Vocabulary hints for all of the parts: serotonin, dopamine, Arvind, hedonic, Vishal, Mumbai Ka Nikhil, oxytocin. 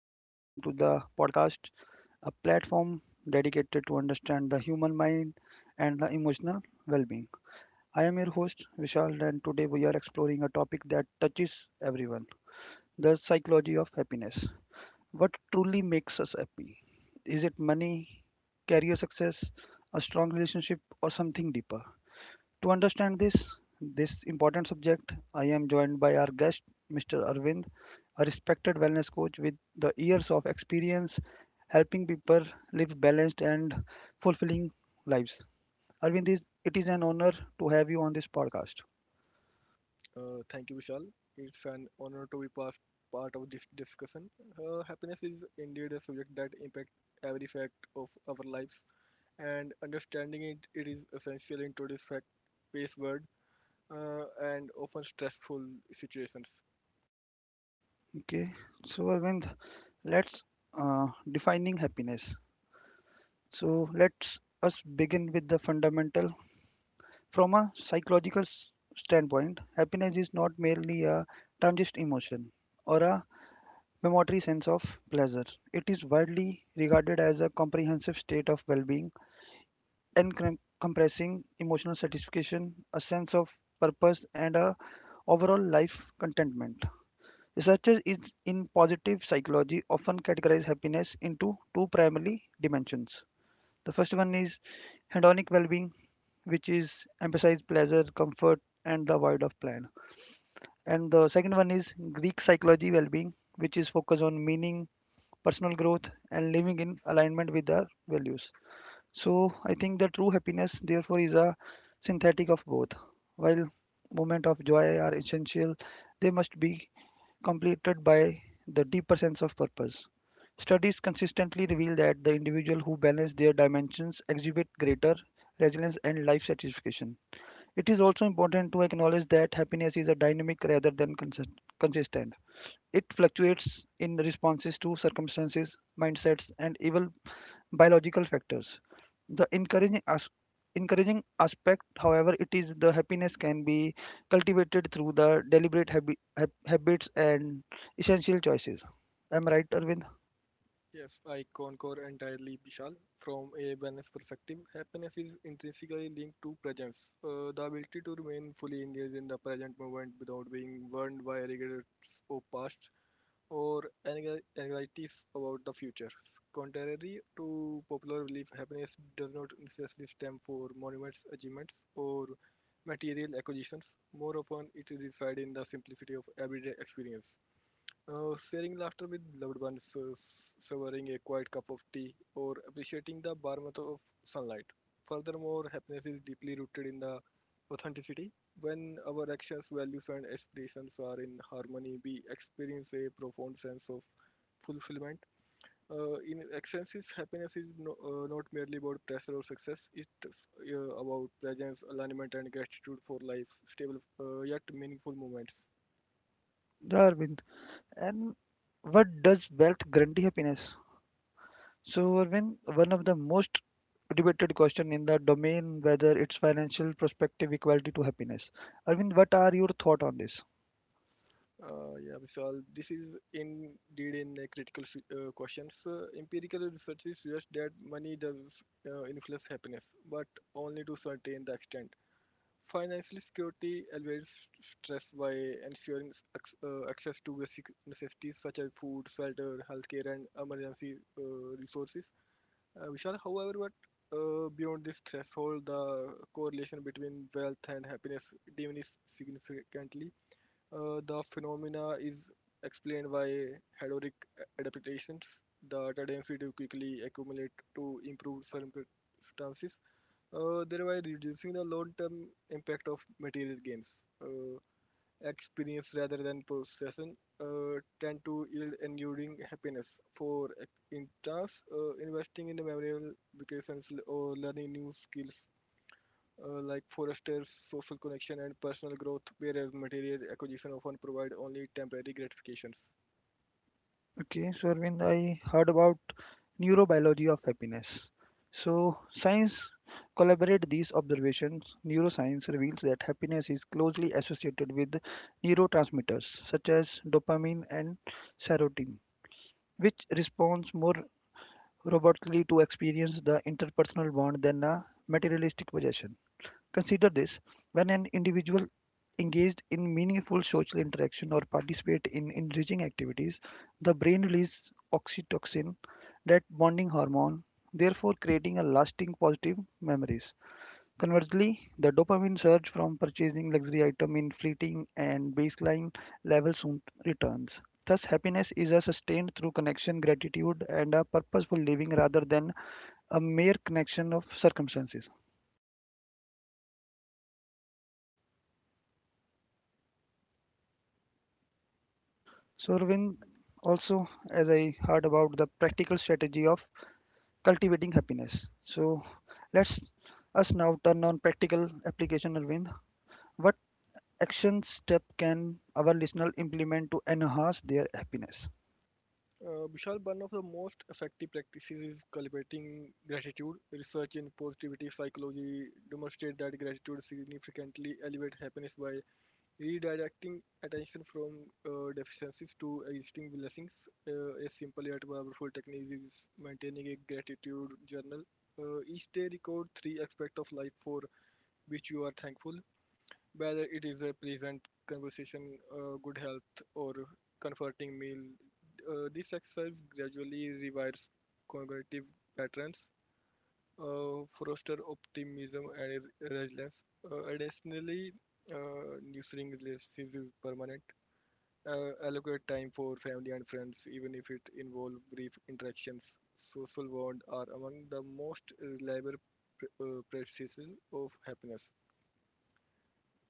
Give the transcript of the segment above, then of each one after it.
and welcome to the podcast, a platform dedicated to understand the human mind and the emotional well being. I am your host, Vishal, and today we are exploring a topic that touches everyone the psychology of happiness. What truly makes us happy? Is it money, career success, a strong relationship, or something deeper? To understand this important subject, I am joined by our guest, Mr. Arvind, a respected wellness coach with the years of experience helping people live balanced and fulfilling lives. Arvind, it is an honor to have you on this podcast. Thank you, Vishal. It's an honor to be part of this discussion. Happiness is indeed a subject that impacts every fact of our lives, and understanding it is essential in today's fact-based world and often stressful situations. Okay, so Arvind, let's uh, defining happiness. So let's us begin with the fundamental. From a psychological standpoint, happiness is not merely a transient emotion or a momentary sense of pleasure. It is widely regarded as a comprehensive state of well being, encompassing emotional satisfaction, a sense of purpose, and a overall life contentment. Researchers in positive psychology often categorize happiness into two primary dimensions. The first one is hedonic well being, which is emphasize pleasure, comfort, and the void of plan. And the second one is Greek psychology well being, which is focused on meaning, personal growth and living in alignment with our values. So I think the true happiness therefore is a synthetic of both. While moments of joy are essential, they must be completed by the deeper sense of purpose. Studies consistently reveal that the individual who balance their dimensions exhibit greater resilience and life satisfaction. It is also important to acknowledge that happiness is a dynamic rather than consistent. It fluctuates in responses to circumstances, mindsets, and even biological factors. The encouraging aspect, however, it is the happiness can be cultivated through the deliberate habits and essential choices. Am I right, Arvind? Yes, I concur entirely, Vishal. From a wellness perspective, happiness is intrinsically linked to presence. The ability to remain fully engaged in the present moment without being burned by regrets of past or anxieties about the future. Contrary to popular belief, happiness does not necessarily stem from monuments, achievements, or material acquisitions. More often, it resides in the simplicity of everyday experience. Sharing laughter with loved ones, savoring a quiet cup of tea, or appreciating the warmth of sunlight. Furthermore, happiness is deeply rooted in the authenticity. When our actions, values, and aspirations are in harmony, we experience a profound sense of fulfillment. In excellences, happiness is not merely about pressure or success. It's about presence, alignment, and gratitude for life's stable yet meaningful moments. Yeah, Arvind. And what does wealth guarantee happiness? So, Arvind, one of the most debated question in the domain whether it's financial perspective equality to happiness. Arvind, what are your thought on this? Yeah, Vishal, this is indeed in a critical questions. Empirical research suggests that money does influence happiness, but only to certain the extent. Financial security alleviates stress by ensuring access to basic necessities such as food, shelter, healthcare, and emergency resources. Vishal, however, what beyond this threshold, the correlation between wealth and happiness diminishes significantly. The phenomena is explained by hedonic adaptations the tendency to quickly accumulate to improve circumstances, thereby reducing the long-term impact of material gains. Uh, experience rather than possession tend to yield enduring happiness. For instance, investing in memorable vacations or learning new skills like Forester's social connection and personal growth, whereas material acquisition often provide only temporary gratifications. Okay, so Arvind, I heard about neurobiology of happiness. So science collaborate these observations. Neuroscience reveals that happiness is closely associated with neurotransmitters such as dopamine and serotonin, which responds more robustly to experience the interpersonal bond than a materialistic possession. Consider this when an individual engaged in meaningful social interaction or participate in enriching activities, the brain releases oxytocin, that bonding hormone, therefore creating a lasting positive memories. Conversely, the dopamine surge from purchasing luxury item in fleeting and baseline level soon returns. Thus, happiness is a sustained through connection, gratitude, and a purposeful living rather than a mere connection of circumstances. So, Arvind, also, as I heard about the practical strategy of cultivating happiness. So, let's us now turn on practical application, Arvind. What action step can our listener implement to enhance their happiness? Vishal, one of the most effective practices is cultivating gratitude. Research in positivity psychology demonstrates that gratitude significantly elevates happiness by redirecting attention from deficiencies to existing blessings. A simple yet powerful technique is maintaining a gratitude journal. Each day, record three aspects of life for which you are thankful whether it is a pleasant conversation, good health, or comforting meal. This exercise gradually rewires cognitive patterns, foster optimism and resilience. Additionally, nurturing relationships is permanent. Allocate time for family and friends, even if it involves brief interactions. Social bonds are among the most reliable practices of happiness.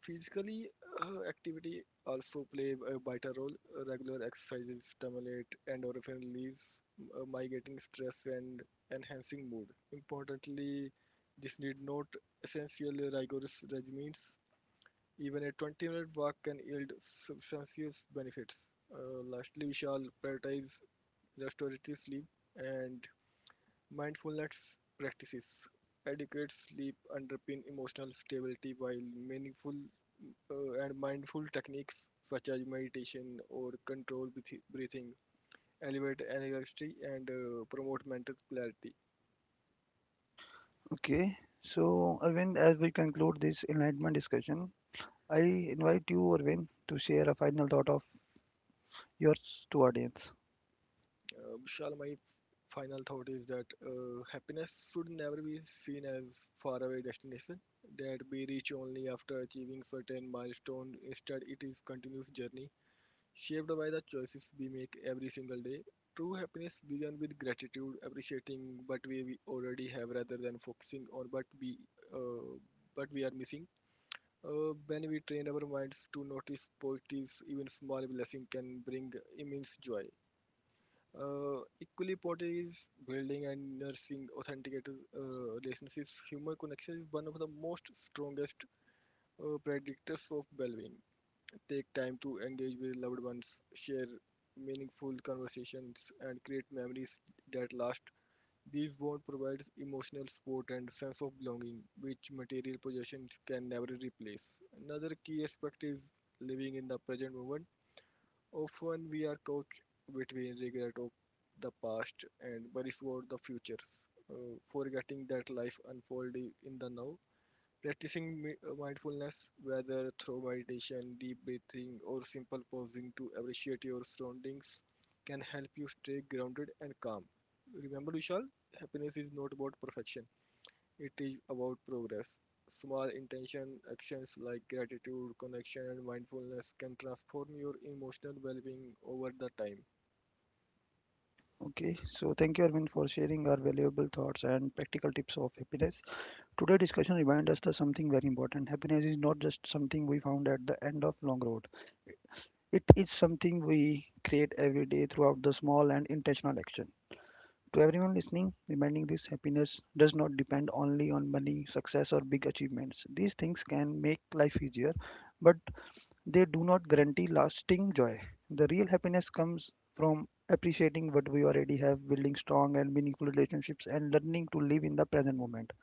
Physically, activity also play a vital role. Regular exercises stimulate endorphin release, mitigating stress and enhancing mood. Importantly, this need not essentially rigorous regimens. Even a 20-minute walk can yield substantial benefits. Lastly, we shall prioritize restorative sleep and mindfulness practices. Adequate sleep underpin emotional stability while meaningful and mindful techniques such as meditation or breathing elevate energy and promote mental clarity. Okay. So, Arvind, as we conclude this enlightenment discussion, I invite you, Arvind, to share a final thought of yours to audience. Vishal, my final thought is that happiness should never be seen as faraway destination that we reach only after achieving certain milestone. Instead, it is continuous journey shaped by the choices we make every single day. True happiness begins with gratitude, appreciating what we already have rather than focusing on uh, what we are missing. When we train our minds to notice positives, even small blessings can bring immense joy. Equally important is building and nursing authentic relationships. Human connection is one of the most strongest predictors of well-being. Take time to engage with loved ones, share meaningful conversations, and create memories that last. These bonds provide emotional support and sense of belonging, which material possessions can never replace. Another key aspect is living in the present moment. Often we are caught between regret of the past and worries about the future, forgetting that life unfolds in the now. Practicing mindfulness, whether through meditation, deep breathing, or simple pausing to appreciate your surroundings, can help you stay grounded and calm. Remember, Vishal, happiness is not about perfection, it is about progress. Small intention actions like gratitude, connection, and mindfulness can transform your emotional well being over the time. Okay. So, thank you, Arvind, for sharing our valuable thoughts and practical tips of happiness. Today's discussion reminds us that something very important. Happiness is not just something we found at the end of long road. It is something we create every day throughout the small and intentional action. To everyone listening, reminding this happiness does not depend only on money, success, or big achievements. These things can make life easier, but they do not guarantee lasting joy. The real happiness comes from appreciating what we already have, building strong and meaningful relationships, and learning to live in the present moment.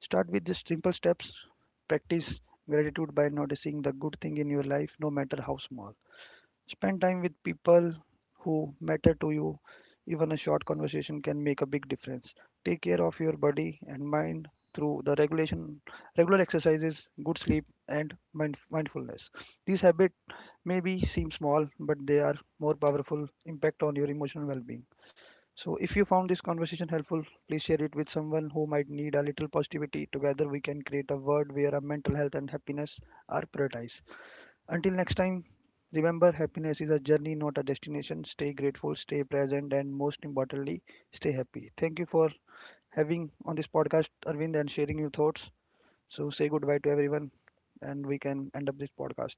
Start with just simple steps. Practice gratitude by noticing the good thing in your life, no matter how small. Spend time with people who matter to you. Even a short conversation can make a big difference. Take care of your body and mind through the regulation, regular exercises, good sleep, and mindfulness. These habits maybe seem small, but they are more powerful impact on your emotional well-being. So, if you found this conversation helpful, please share it with someone who might need a little positivity. Together, we can create a world where our mental health and happiness are prioritized. Until next time, remember happiness is a journey, not a destination. Stay grateful, stay present, and most importantly, stay happy. Thank you for having on this podcast, Arvind, and sharing your thoughts. So, say goodbye to everyone, and we can end up this podcast.